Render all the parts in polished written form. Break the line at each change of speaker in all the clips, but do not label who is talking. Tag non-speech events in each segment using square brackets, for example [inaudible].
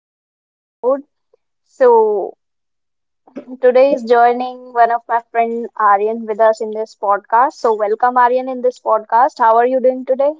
another episode. So, Today is joining one of my friend Aryan with us in this podcast. So, welcome Aryan in this podcast. How are you doing today?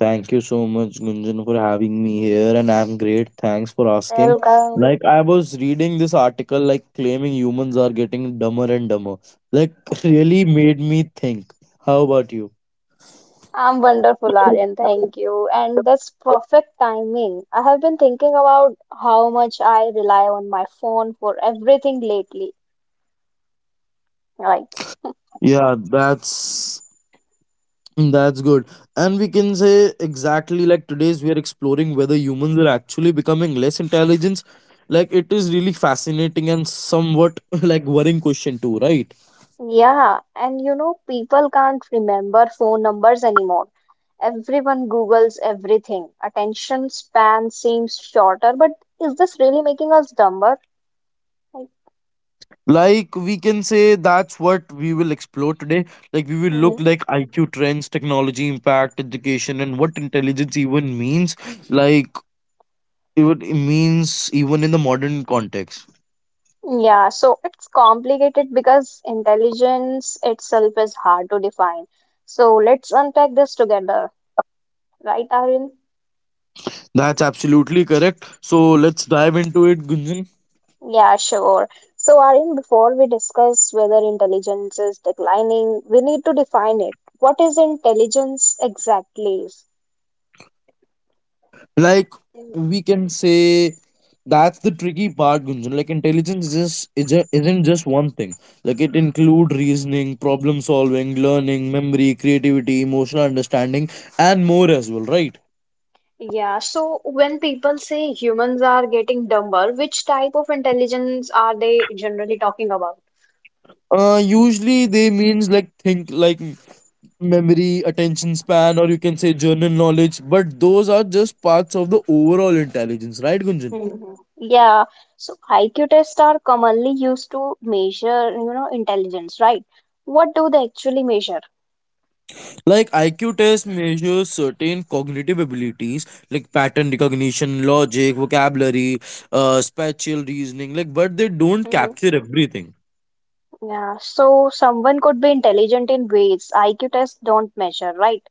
Thank you so much, Gunjan, for having me here, and I'm great. Thanks for asking.
Welcome.
I was reading this article, claiming humans are getting dumber and dumber. Like, [laughs] really made me think. How about you?
I'm wonderful, Aryan. Thank you. And that's perfect timing. I have been thinking about how much I rely on my phone for everything lately. Like
Yeah, that's good. And we can say exactly like today's we are exploring whether humans are actually becoming less intelligent. Like it is really fascinating and somewhat [laughs] like worrying question too, right?
Yeah, and you know, people can't remember phone numbers anymore. Everyone Googles everything. Attention span seems shorter, but is this really making us dumber? Like,
Like we can say that's what we will explore today. Like we will look
mhm.
like IQ trends, technology impact, education, and what intelligence even means. Like even it means even in the modern context.
Yeah, so it's complicated because intelligence itself is hard to define. So let's unpack this together, right, Arun?
That's absolutely correct. So let's dive into it, Gunjan.
Yeah, sure. So, Arun, before we discuss whether intelligence is declining, we need to define it. What is intelligence exactly?
Like we can say that's the tricky part, Gunjan. Like intelligence is not just one thing. Like it include reasoning, problem solving, learning, memory, creativity, emotional understanding, and more as well, right?
Yeah, so when people say humans are getting dumber, which type of intelligence are they generally talking about?
Usually they means like memory, attention span, or you can say general knowledge. But those are just parts of the overall intelligence, right, Gunjan?
Mhm. Yeah, so IQ tests are commonly used to measure, you know, intelligence, right? What do they actually measure?
Like IQ test measures certain cognitive abilities like pattern recognition, logic, vocabulary, spatial reasoning. Like, but they don't
Mhm.
capture everything.
Yeah, so someone could be intelligent in ways IQ tests don't measure, right?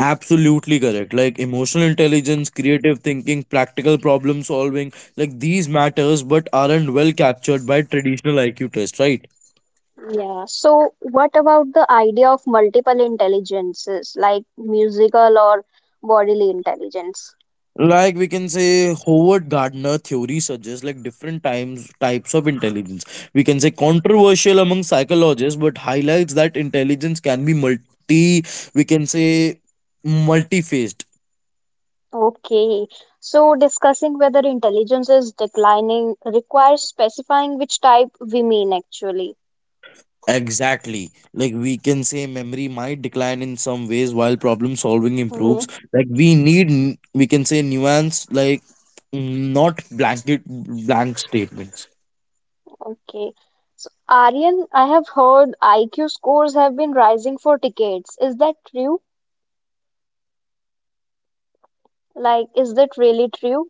Absolutely correct. Like emotional intelligence, creative thinking, practical problem solving, like these matters, but aren't well captured by traditional IQ test, right?
Yeah. So, what about the idea of multiple intelligences, like musical or bodily intelligence?
Like we can say Howard Gardner theory suggests like different times types of intelligence. We can say controversial among psychologists, but highlights that intelligence can be we can say multi-faced.
Okay, so discussing whether intelligence is declining requires specifying which type we mean actually.
Exactly, like we can say memory might decline in some ways while problem solving
Mm-hmm.
improves. Like we can say nuance, like mm, not blanket blank statements.
Okay. So, Aryan, I have heard IQ scores have been rising for decades. Is that true? Like, is that really true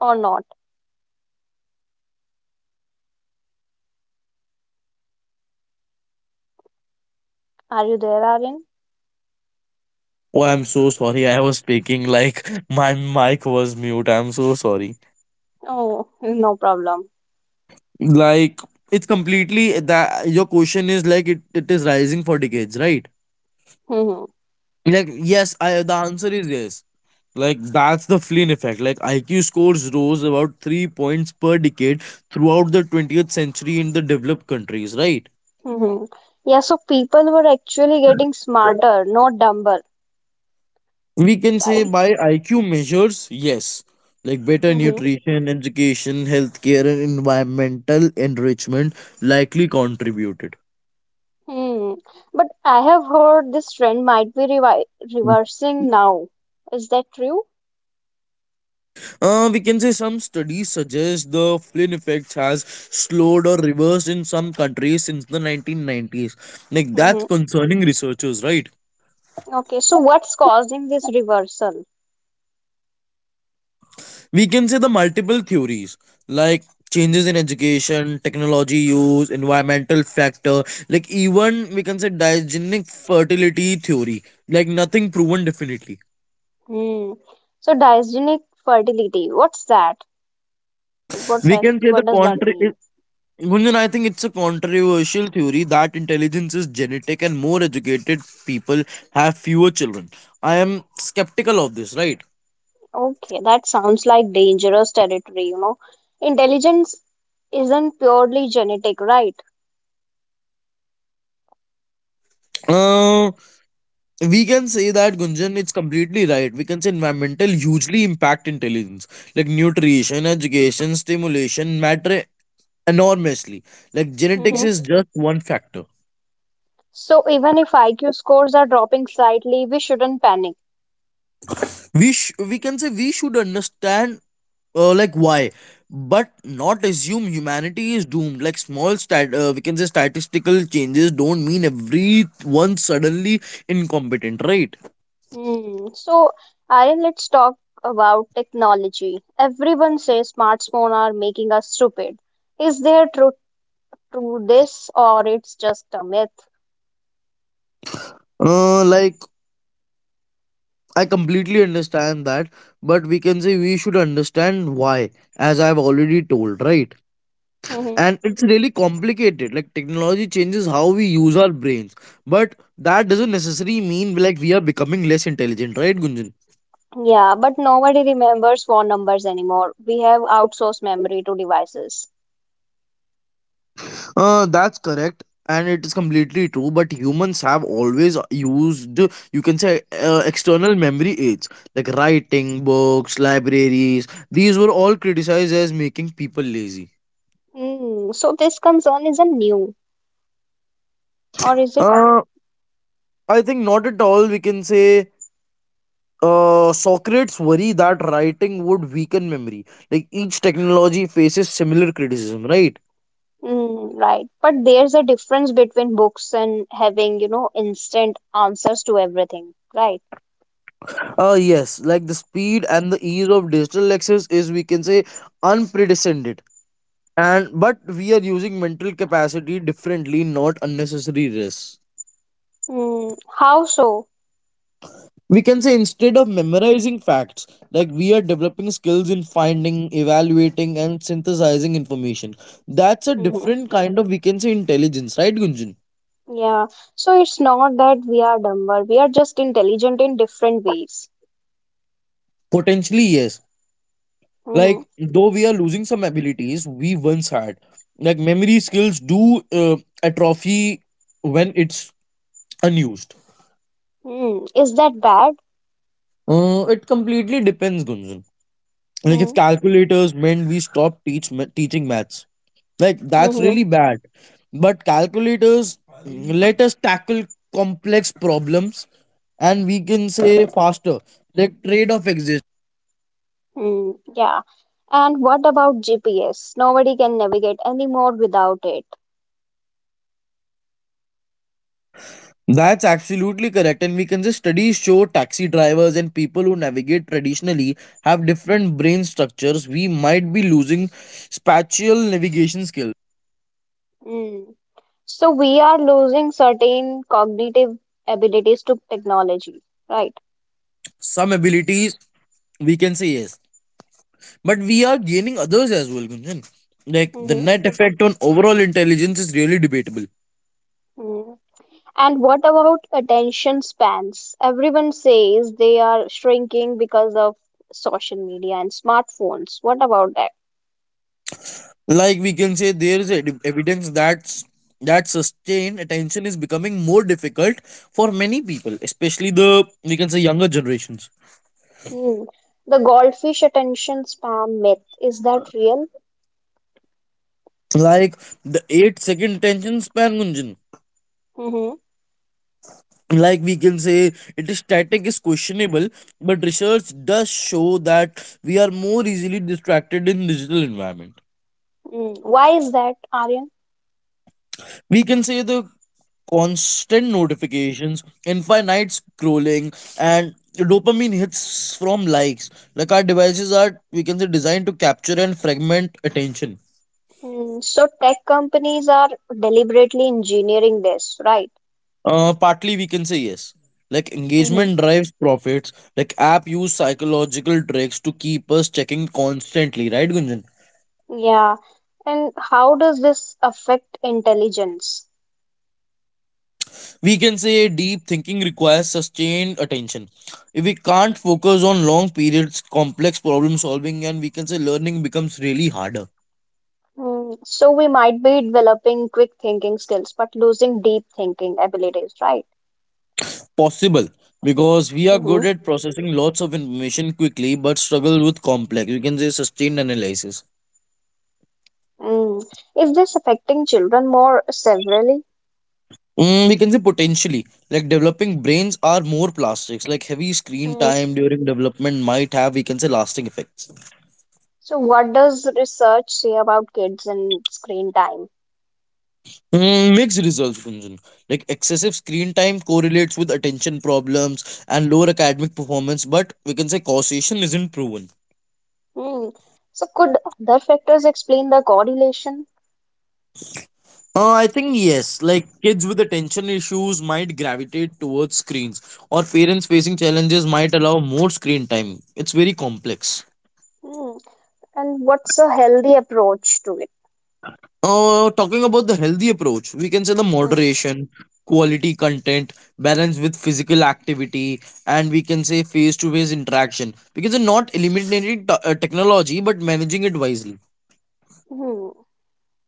or not? Are you there, Aryan?
Oh, I'm so sorry. I was speaking like [laughs] my mic was mute. I'm so sorry.
Oh, no problem.
Like it's completely that your question is like it is rising for decades, right?
Mm-hmm.
Like yes, I the answer is yes. Like that's the Flynn effect. Like IQ scores rose about three points per decade throughout the 20th century in the developed countries, right?
Mm-hmm. Yeah, so people were actually getting smarter, not dumber,
We can say
right?
by IQ measures, yes, like better
Hmm.
nutrition, education, healthcare, and environmental enrichment likely contributed.
Hmm. But I have heard this trend might be revi reversing now. Is that true?
We can say some studies suggest the Flynn effect has slowed or reversed in some countries since the 1990s. Like that's
Hmm.
concerning researchers, right?
Okay, so what's causing this reversal?
We can say the multiple theories, like changes in education, technology use, environmental factor, like even we can say diagenic fertility theory. Like nothing proven definitely.
Hmm. So dysgenic fertility, what's that? Like
We can say the
what does that
contra
mean?
it- Gunjan, I think it's a controversial theory that intelligence is genetic and more educated people have fewer children. I am skeptical of this, right?
Okay, that sounds like dangerous territory, you know. Intelligence isn't purely genetic, right?
Uh, we can say that, Gunjan, it's completely right. We can say environmental hugely impact intelligence, like nutrition, education, stimulation matter enormously. Like genetics
Hmm.
is just one factor.
So even if IQ scores are dropping slightly, we shouldn't panic.
We can say we should understand like why, but not assume humanity is doomed. Like we can say statistical changes don't mean everyone suddenly incompetent, right?
Hmm. So, Aryan, let's talk about technology. Everyone says smartphones are making us stupid. Is there truth to this, or it's just a myth?
Like I completely understand that, but we can say we should understand why, as I've already told, right?
Mhm.
And it's really complicated. Like technology changes how we use our brains, but that doesn't necessarily mean like we are becoming less intelligent, right, Gunjan?
Yeah, but nobody remembers phone numbers anymore. We have outsourced memory to devices.
That's correct. And it is completely true, but humans have always used, you can say, external memory aids like writing, books, libraries. These were all criticized as making people lazy.
Hmm. So this concern isn't new, or is it?
Uh, I think not at all. We can say Socrates' worry that writing would weaken memory. Like each technology faces similar criticism, right?
Hmm. Right. But there's a difference between books and having, you know, instant answers to everything. Right.
Yes, like the speed and the ease of digital access is, we can say, unprecedented. And but we are using mental capacity differently, not unnecessary risks.
Hmm. How so?
We can say instead of memorizing facts, like we are developing skills in finding, evaluating, and synthesizing information. That's a
Hmm.
different kind of, we can say, intelligence, right, Gunjan?
Yeah, so it's not that we are dumber, we are just intelligent in different ways.
Potentially, yes.
Hmm.
Like, though we are losing some abilities we once had, like memory skills do atrophy when it's unused.
Mm. Is that bad?
It completely depends, Gunjan. Like, if
Mm.
calculators meant we stop teaching maths, like that's
Mm-hmm.
really bad. But calculators mm, let us tackle complex problems, and we can say faster. Like trade off exists.
Mm. Yeah. And what about GPS? Nobody can navigate anymore without it.
That's absolutely correct. And we can just studies show taxi drivers and people who navigate traditionally have different brain structures. We might be losing spatial navigation skills.
Mm. So we are losing certain cognitive abilities to technology, right?
Some abilities, we can say yes. But we are gaining others as well, Gunjan. Like the
Mm-hmm.
net effect on overall intelligence is really debatable.
Mm. And what about attention spans? Everyone says they are shrinking because of social media and smartphones. What about that?
Like we can say there is evidence that sustained attention is becoming more difficult for many people, especially the we can say younger generations.
Hmm. The goldfish attention spam myth, is that real?
Like the 8-second tension span, Gunjan.
Mm-hmm.
Like we can say it is static is questionable, but research does show that we are more easily distracted in digital environment.
Mm. Why is that, Aryan?
We can say the constant notifications, infinite scrolling, and dopamine hits from likes, like our devices are, we can say, designed to capture and fragment attention.
Mm. So tech companies are deliberately engineering this, right?
Partly we can say yes. Like
Mm-hmm.
engagement drives profits. Like app use psychological tricks to keep us checking constantly, right, Gunjan?
Yeah. And how does this affect intelligence?
We can say deep thinking requires sustained attention. If we can't focus on long periods, complex problem solving, and we can say learning becomes really harder.
Mm. So we might be developing quick thinking skills, but losing deep thinking abilities, right?
Possible, because we are good
Mm-hmm.
at processing lots of information quickly, but struggle with complex. We can say sustained analysis.
Mm. Is this affecting children more severely?
Mm, we can say potentially, like developing brains are more plastics. Like heavy screen time during development might have, we can say, lasting effects.
So, what does research say about kids and screen time?
Mm, mixed results, Gunjan. Like excessive screen time correlates with attention problems and lower academic performance, but we can say causation isn't proven.
Hmm. So, could other factors explain the correlation?
I think yes. Like kids with attention issues might gravitate towards screens, or parents facing challenges might allow more screen time. It's very complex.
Hmm. And what's a healthy approach to it?
Talking about the healthy approach, we can say the
Hmm.
moderation, quality content, balance with physical activity, and we can say face to face interaction. Because it's not eliminating technology but managing it wisely.
Hmm.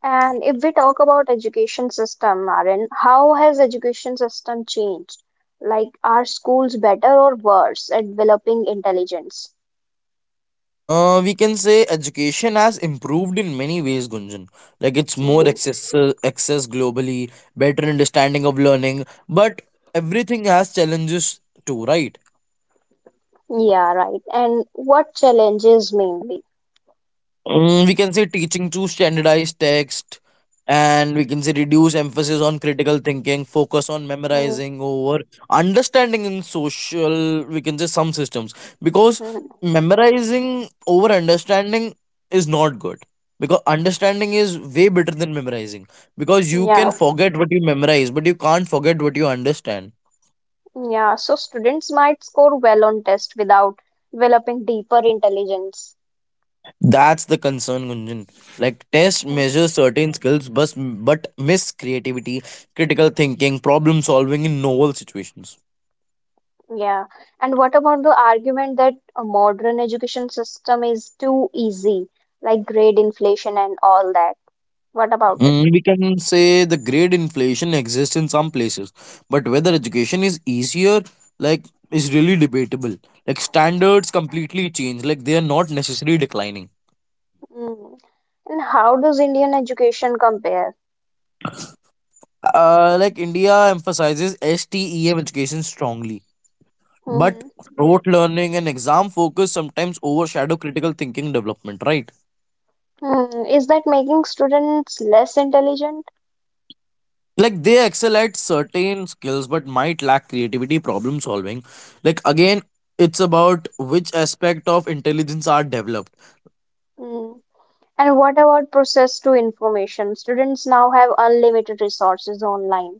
And if we talk about education system, Aaron, how has education system changed? Like, are schools better or worse at developing intelligence?
We can say education has improved in many ways, Gunjan. Like it's more
Mhm.
access globally, better understanding of learning, but everything has challenges too, right?
Yeah, right. And what challenges mainly?
Mm, we can say teaching to standardize text and we can say reduce emphasis on critical thinking, focus on
Mhm.
memorizing over understanding in social we can say some systems, because
Mhm.
memorizing over understanding is not good, because understanding is way better than memorizing, because you
Yeah.
can forget what you memorize but you can't forget what you understand.
Yeah, so students might score well on tests without developing deeper intelligence.
That's the concern, Gunjan. Like tests
Mhm.
measure certain skills, but miss creativity, critical thinking, problem solving in novel situations.
Yeah, and what about the argument that a modern education system is too easy, like grade inflation and all that? What about it?
Mm, we can say the grade inflation exists in some places, but whether education is easier, like, is really debatable. Like standards completely change. Like they are not necessarily declining.
Mm. And how does Indian education compare?
Like India emphasizes STEM education strongly, but
Mhm.
rote learning and exam focus sometimes overshadow critical thinking development. Right.
Mm. Is that making students less intelligent?
Like they excel at certain skills but might lack creativity, problem solving. Like again, it's about which aspect of intelligence are developed.
Mm. And what about process to information? Students now have unlimited resources online.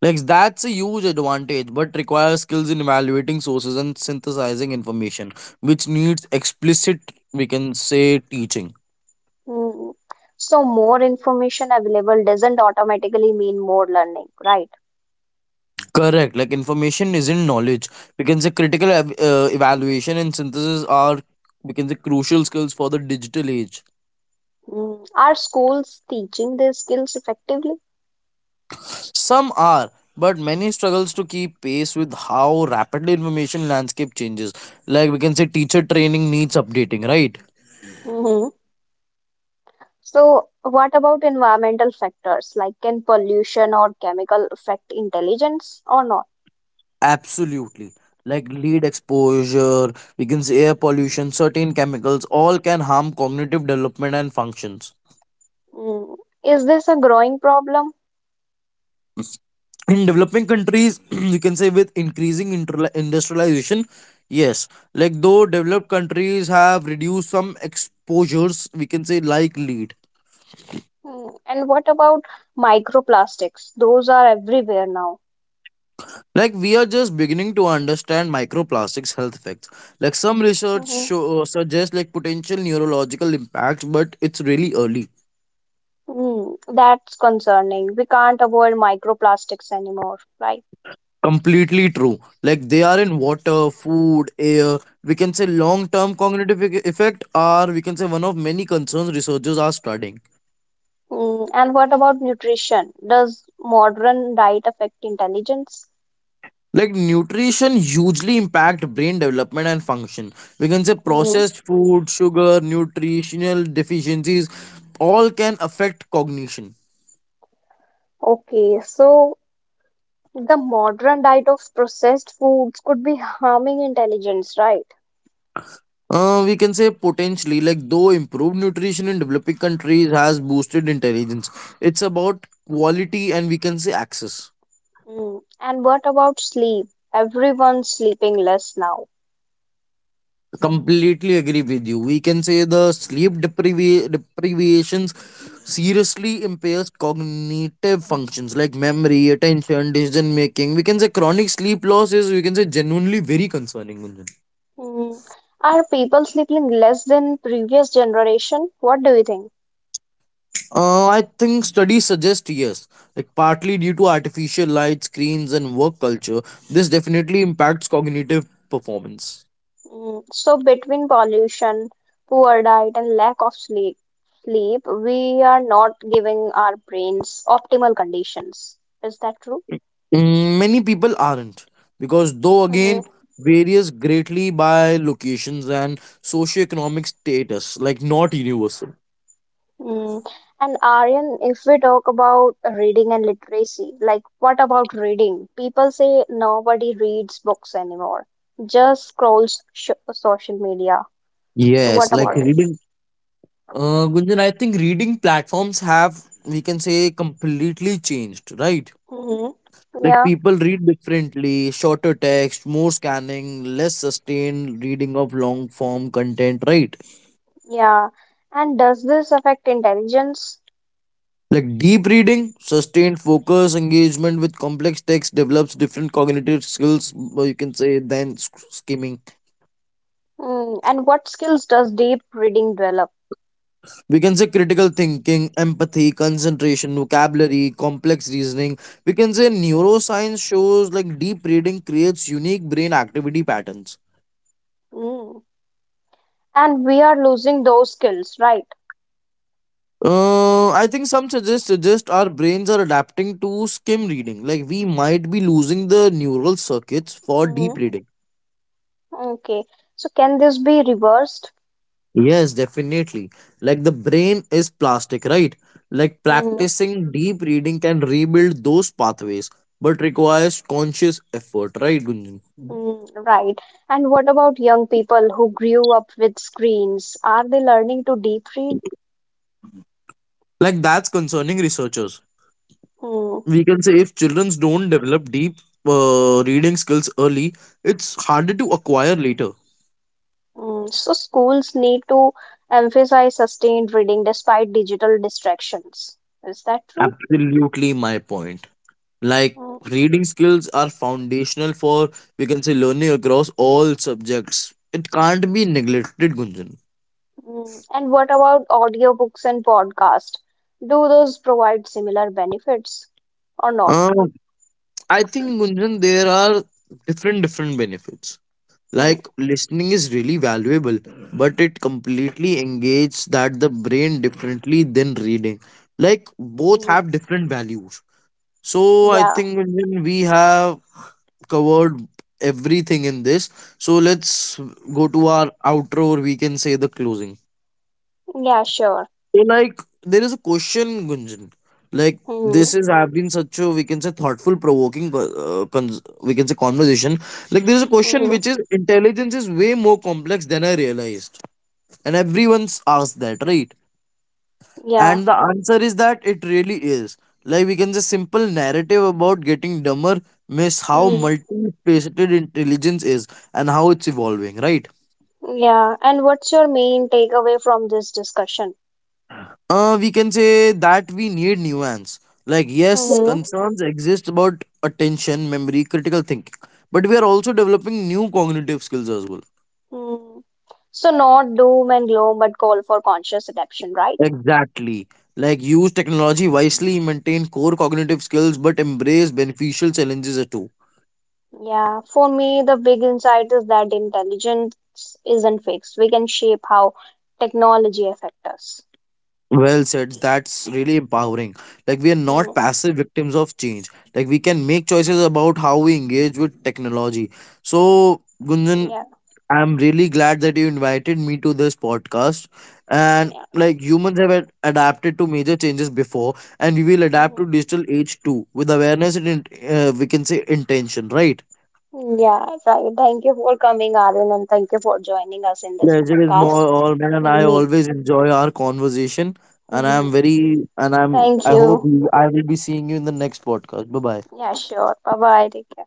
Like that's a huge advantage, but requires skills in evaluating sources and synthesizing information, which needs explicit, we can say, teaching.
Mm. So more information available doesn't automatically mean more learning, right?
Correct, like information isn't knowledge. We can say critical evaluation and synthesis are, we can say, crucial skills for the digital age.
Mm. Are schools teaching these skills effectively?
Some are, but many struggles to keep pace with how rapidly information landscape changes. Like we can say teacher training needs updating, right?
Mhm. So what about environmental factors? Like can pollution or chemical affect intelligence or not?
Absolutely. Like lead exposure, we can say air pollution, certain chemicals, all can harm cognitive development and functions.
Mm. Is this a growing problem?
In developing countries, [clears throat] you can say with increasing industrialization, yes, like though developed countries have reduced some exposures, we can say like lead.
Mm. And what about microplastics? Those are everywhere now.
Like we are just beginning to understand microplastics health effects. Like some
Mhm.
suggests like potential neurological impacts, but it's really early.
Mm. That's concerning. We can't avoid microplastics anymore, right?
Completely true. Like they are in water, food, air. We can say long-term cognitive effect are, we can say, one of many concerns researchers are studying.
Mm, and what about nutrition? Does modern diet affect intelligence?
Like nutrition hugely impact brain development and function. We can say
Mhm.
processed food, sugar, nutritional deficiencies, all can affect cognition.
Okay, so the modern diet of processed foods could be harming intelligence, right?
We can say potentially, like though improved nutrition in developing countries has boosted intelligence, it's about quality and we can say access.
Mm. And what about sleep? Everyone's sleeping less now.
Completely agree with you. We can say the sleep deprivations seriously impairs cognitive functions like memory, attention, decision making. We can say chronic sleep loss is we can say genuinely very concerning. Gunjan.
Mm. Are people sleeping less than previous generation? What do you think?
I think studies suggest yes, like partly due to artificial light, screens, and work culture. This definitely impacts cognitive performance.
Mm, so between pollution, poor diet, and lack of sleep, we are not giving our brains optimal conditions. Is that true?
Mm, many people aren't, because though
Hmm.
again varies greatly by locations and socioeconomic status, like not universal.
Mm. And Aryan, if we talk about reading and literacy, like what about reading? People say nobody reads books anymore, just scrolls sh social media. So
Yes,
what
like
about it?
reading. Gunjan, I think reading platforms have, we can say, completely changed, right?
Hmm.
Like
Yeah,
people read differently, shorter text, more scanning, less sustained reading of long form content, right?
yeah. And does this affect intelligence?
Like deep reading, sustained focus, engagement with complex text develops different cognitive skills, or you can say, than skimming.
Mm, and what skills does deep reading develop?
We can say critical thinking, empathy, concentration, vocabulary, complex reasoning. We can say neuroscience shows like deep reading creates unique brain activity patterns.
Mm. And we are losing those skills, right?
I think some suggest our brains are adapting to skim reading. Like we might be losing the neural circuits for deep
Mm.
reading.
Okay. So can this be reversed?
Yes, definitely. Like the brain is plastic, right? Like
Mm.
practicing deep reading can rebuild those pathways, but requires conscious effort, right, Gunjan?
Mm, right. And what about young people who grew up with screens? Are they learning to deep read?
Like that's concerning researchers.
Mm.
We can say if children don't develop deep reading skills early, it's harder to acquire later.
Mm. So schools need to emphasize sustained reading despite digital distractions. Is that true?
Absolutely, my point. Like
Mm.
reading skills are foundational for we can say learning across all subjects. It can't be neglected, Gunjan.
Mm, and what about audiobooks and podcast? Do those provide similar benefits or not?
Um, I think Gunjan, there are different benefits.
Mm,
Like listening is really valuable, but it completely engages that the brain differently than reading. Like both
mm,
have different values. So I
yeah,
think Gunjan, we have covered everything in this. So let's go to our outro, or we can say the closing.
yeah, sure.
So like there is a question, Gunjan. Like
Hmm.
this is have been such a we can say thoughtful, provoking, we can say conversation. Like there is a question
Hmm.
which is intelligence is way more complex than I realized, and everyone's asked that, right?
Yeah,
And the answer is that it really is. Like we can say simple narrative about getting dumber miss how
hmm,
multifaceted intelligence is and how it's evolving, right?
yeah. And what's your main takeaway from this discussion?
We can say that we need nuance. Like yes,
Hmm.
concerns exist about attention, memory, critical thinking. But we are also developing new cognitive skills as well.
Mm. So not doom and gloom, but call for conscious adaptation, right?
Exactly. Like use technology wisely, maintain core cognitive skills, but embrace beneficial challenges too.
Yeah, for me, the big insight is that intelligence isn't fixed. We can shape how technology affects us.
Well said. That's really empowering. Like, we are not
Mm,
passive victims of change. Like, we can make choices about how we engage with technology. So, Gunjan,
yeah.
I'm really glad that you invited me to this podcast. And,
Yeah.
like, humans have adapted to major changes before, and we will adapt to
Mhm.
digital age too, with awareness and, we can say, intention, right?
Yeah, right. Thank you for coming, Arun, and thank you for joining us in this
Pleasure is more
podcast.
all man.
We'll
I
meet.
always enjoy our conversation and I'm
Mhm.
very and
Thank
I
you.
I will be seeing you in the next podcast. Bye bye.
Yeah, sure. Bye bye. Take care.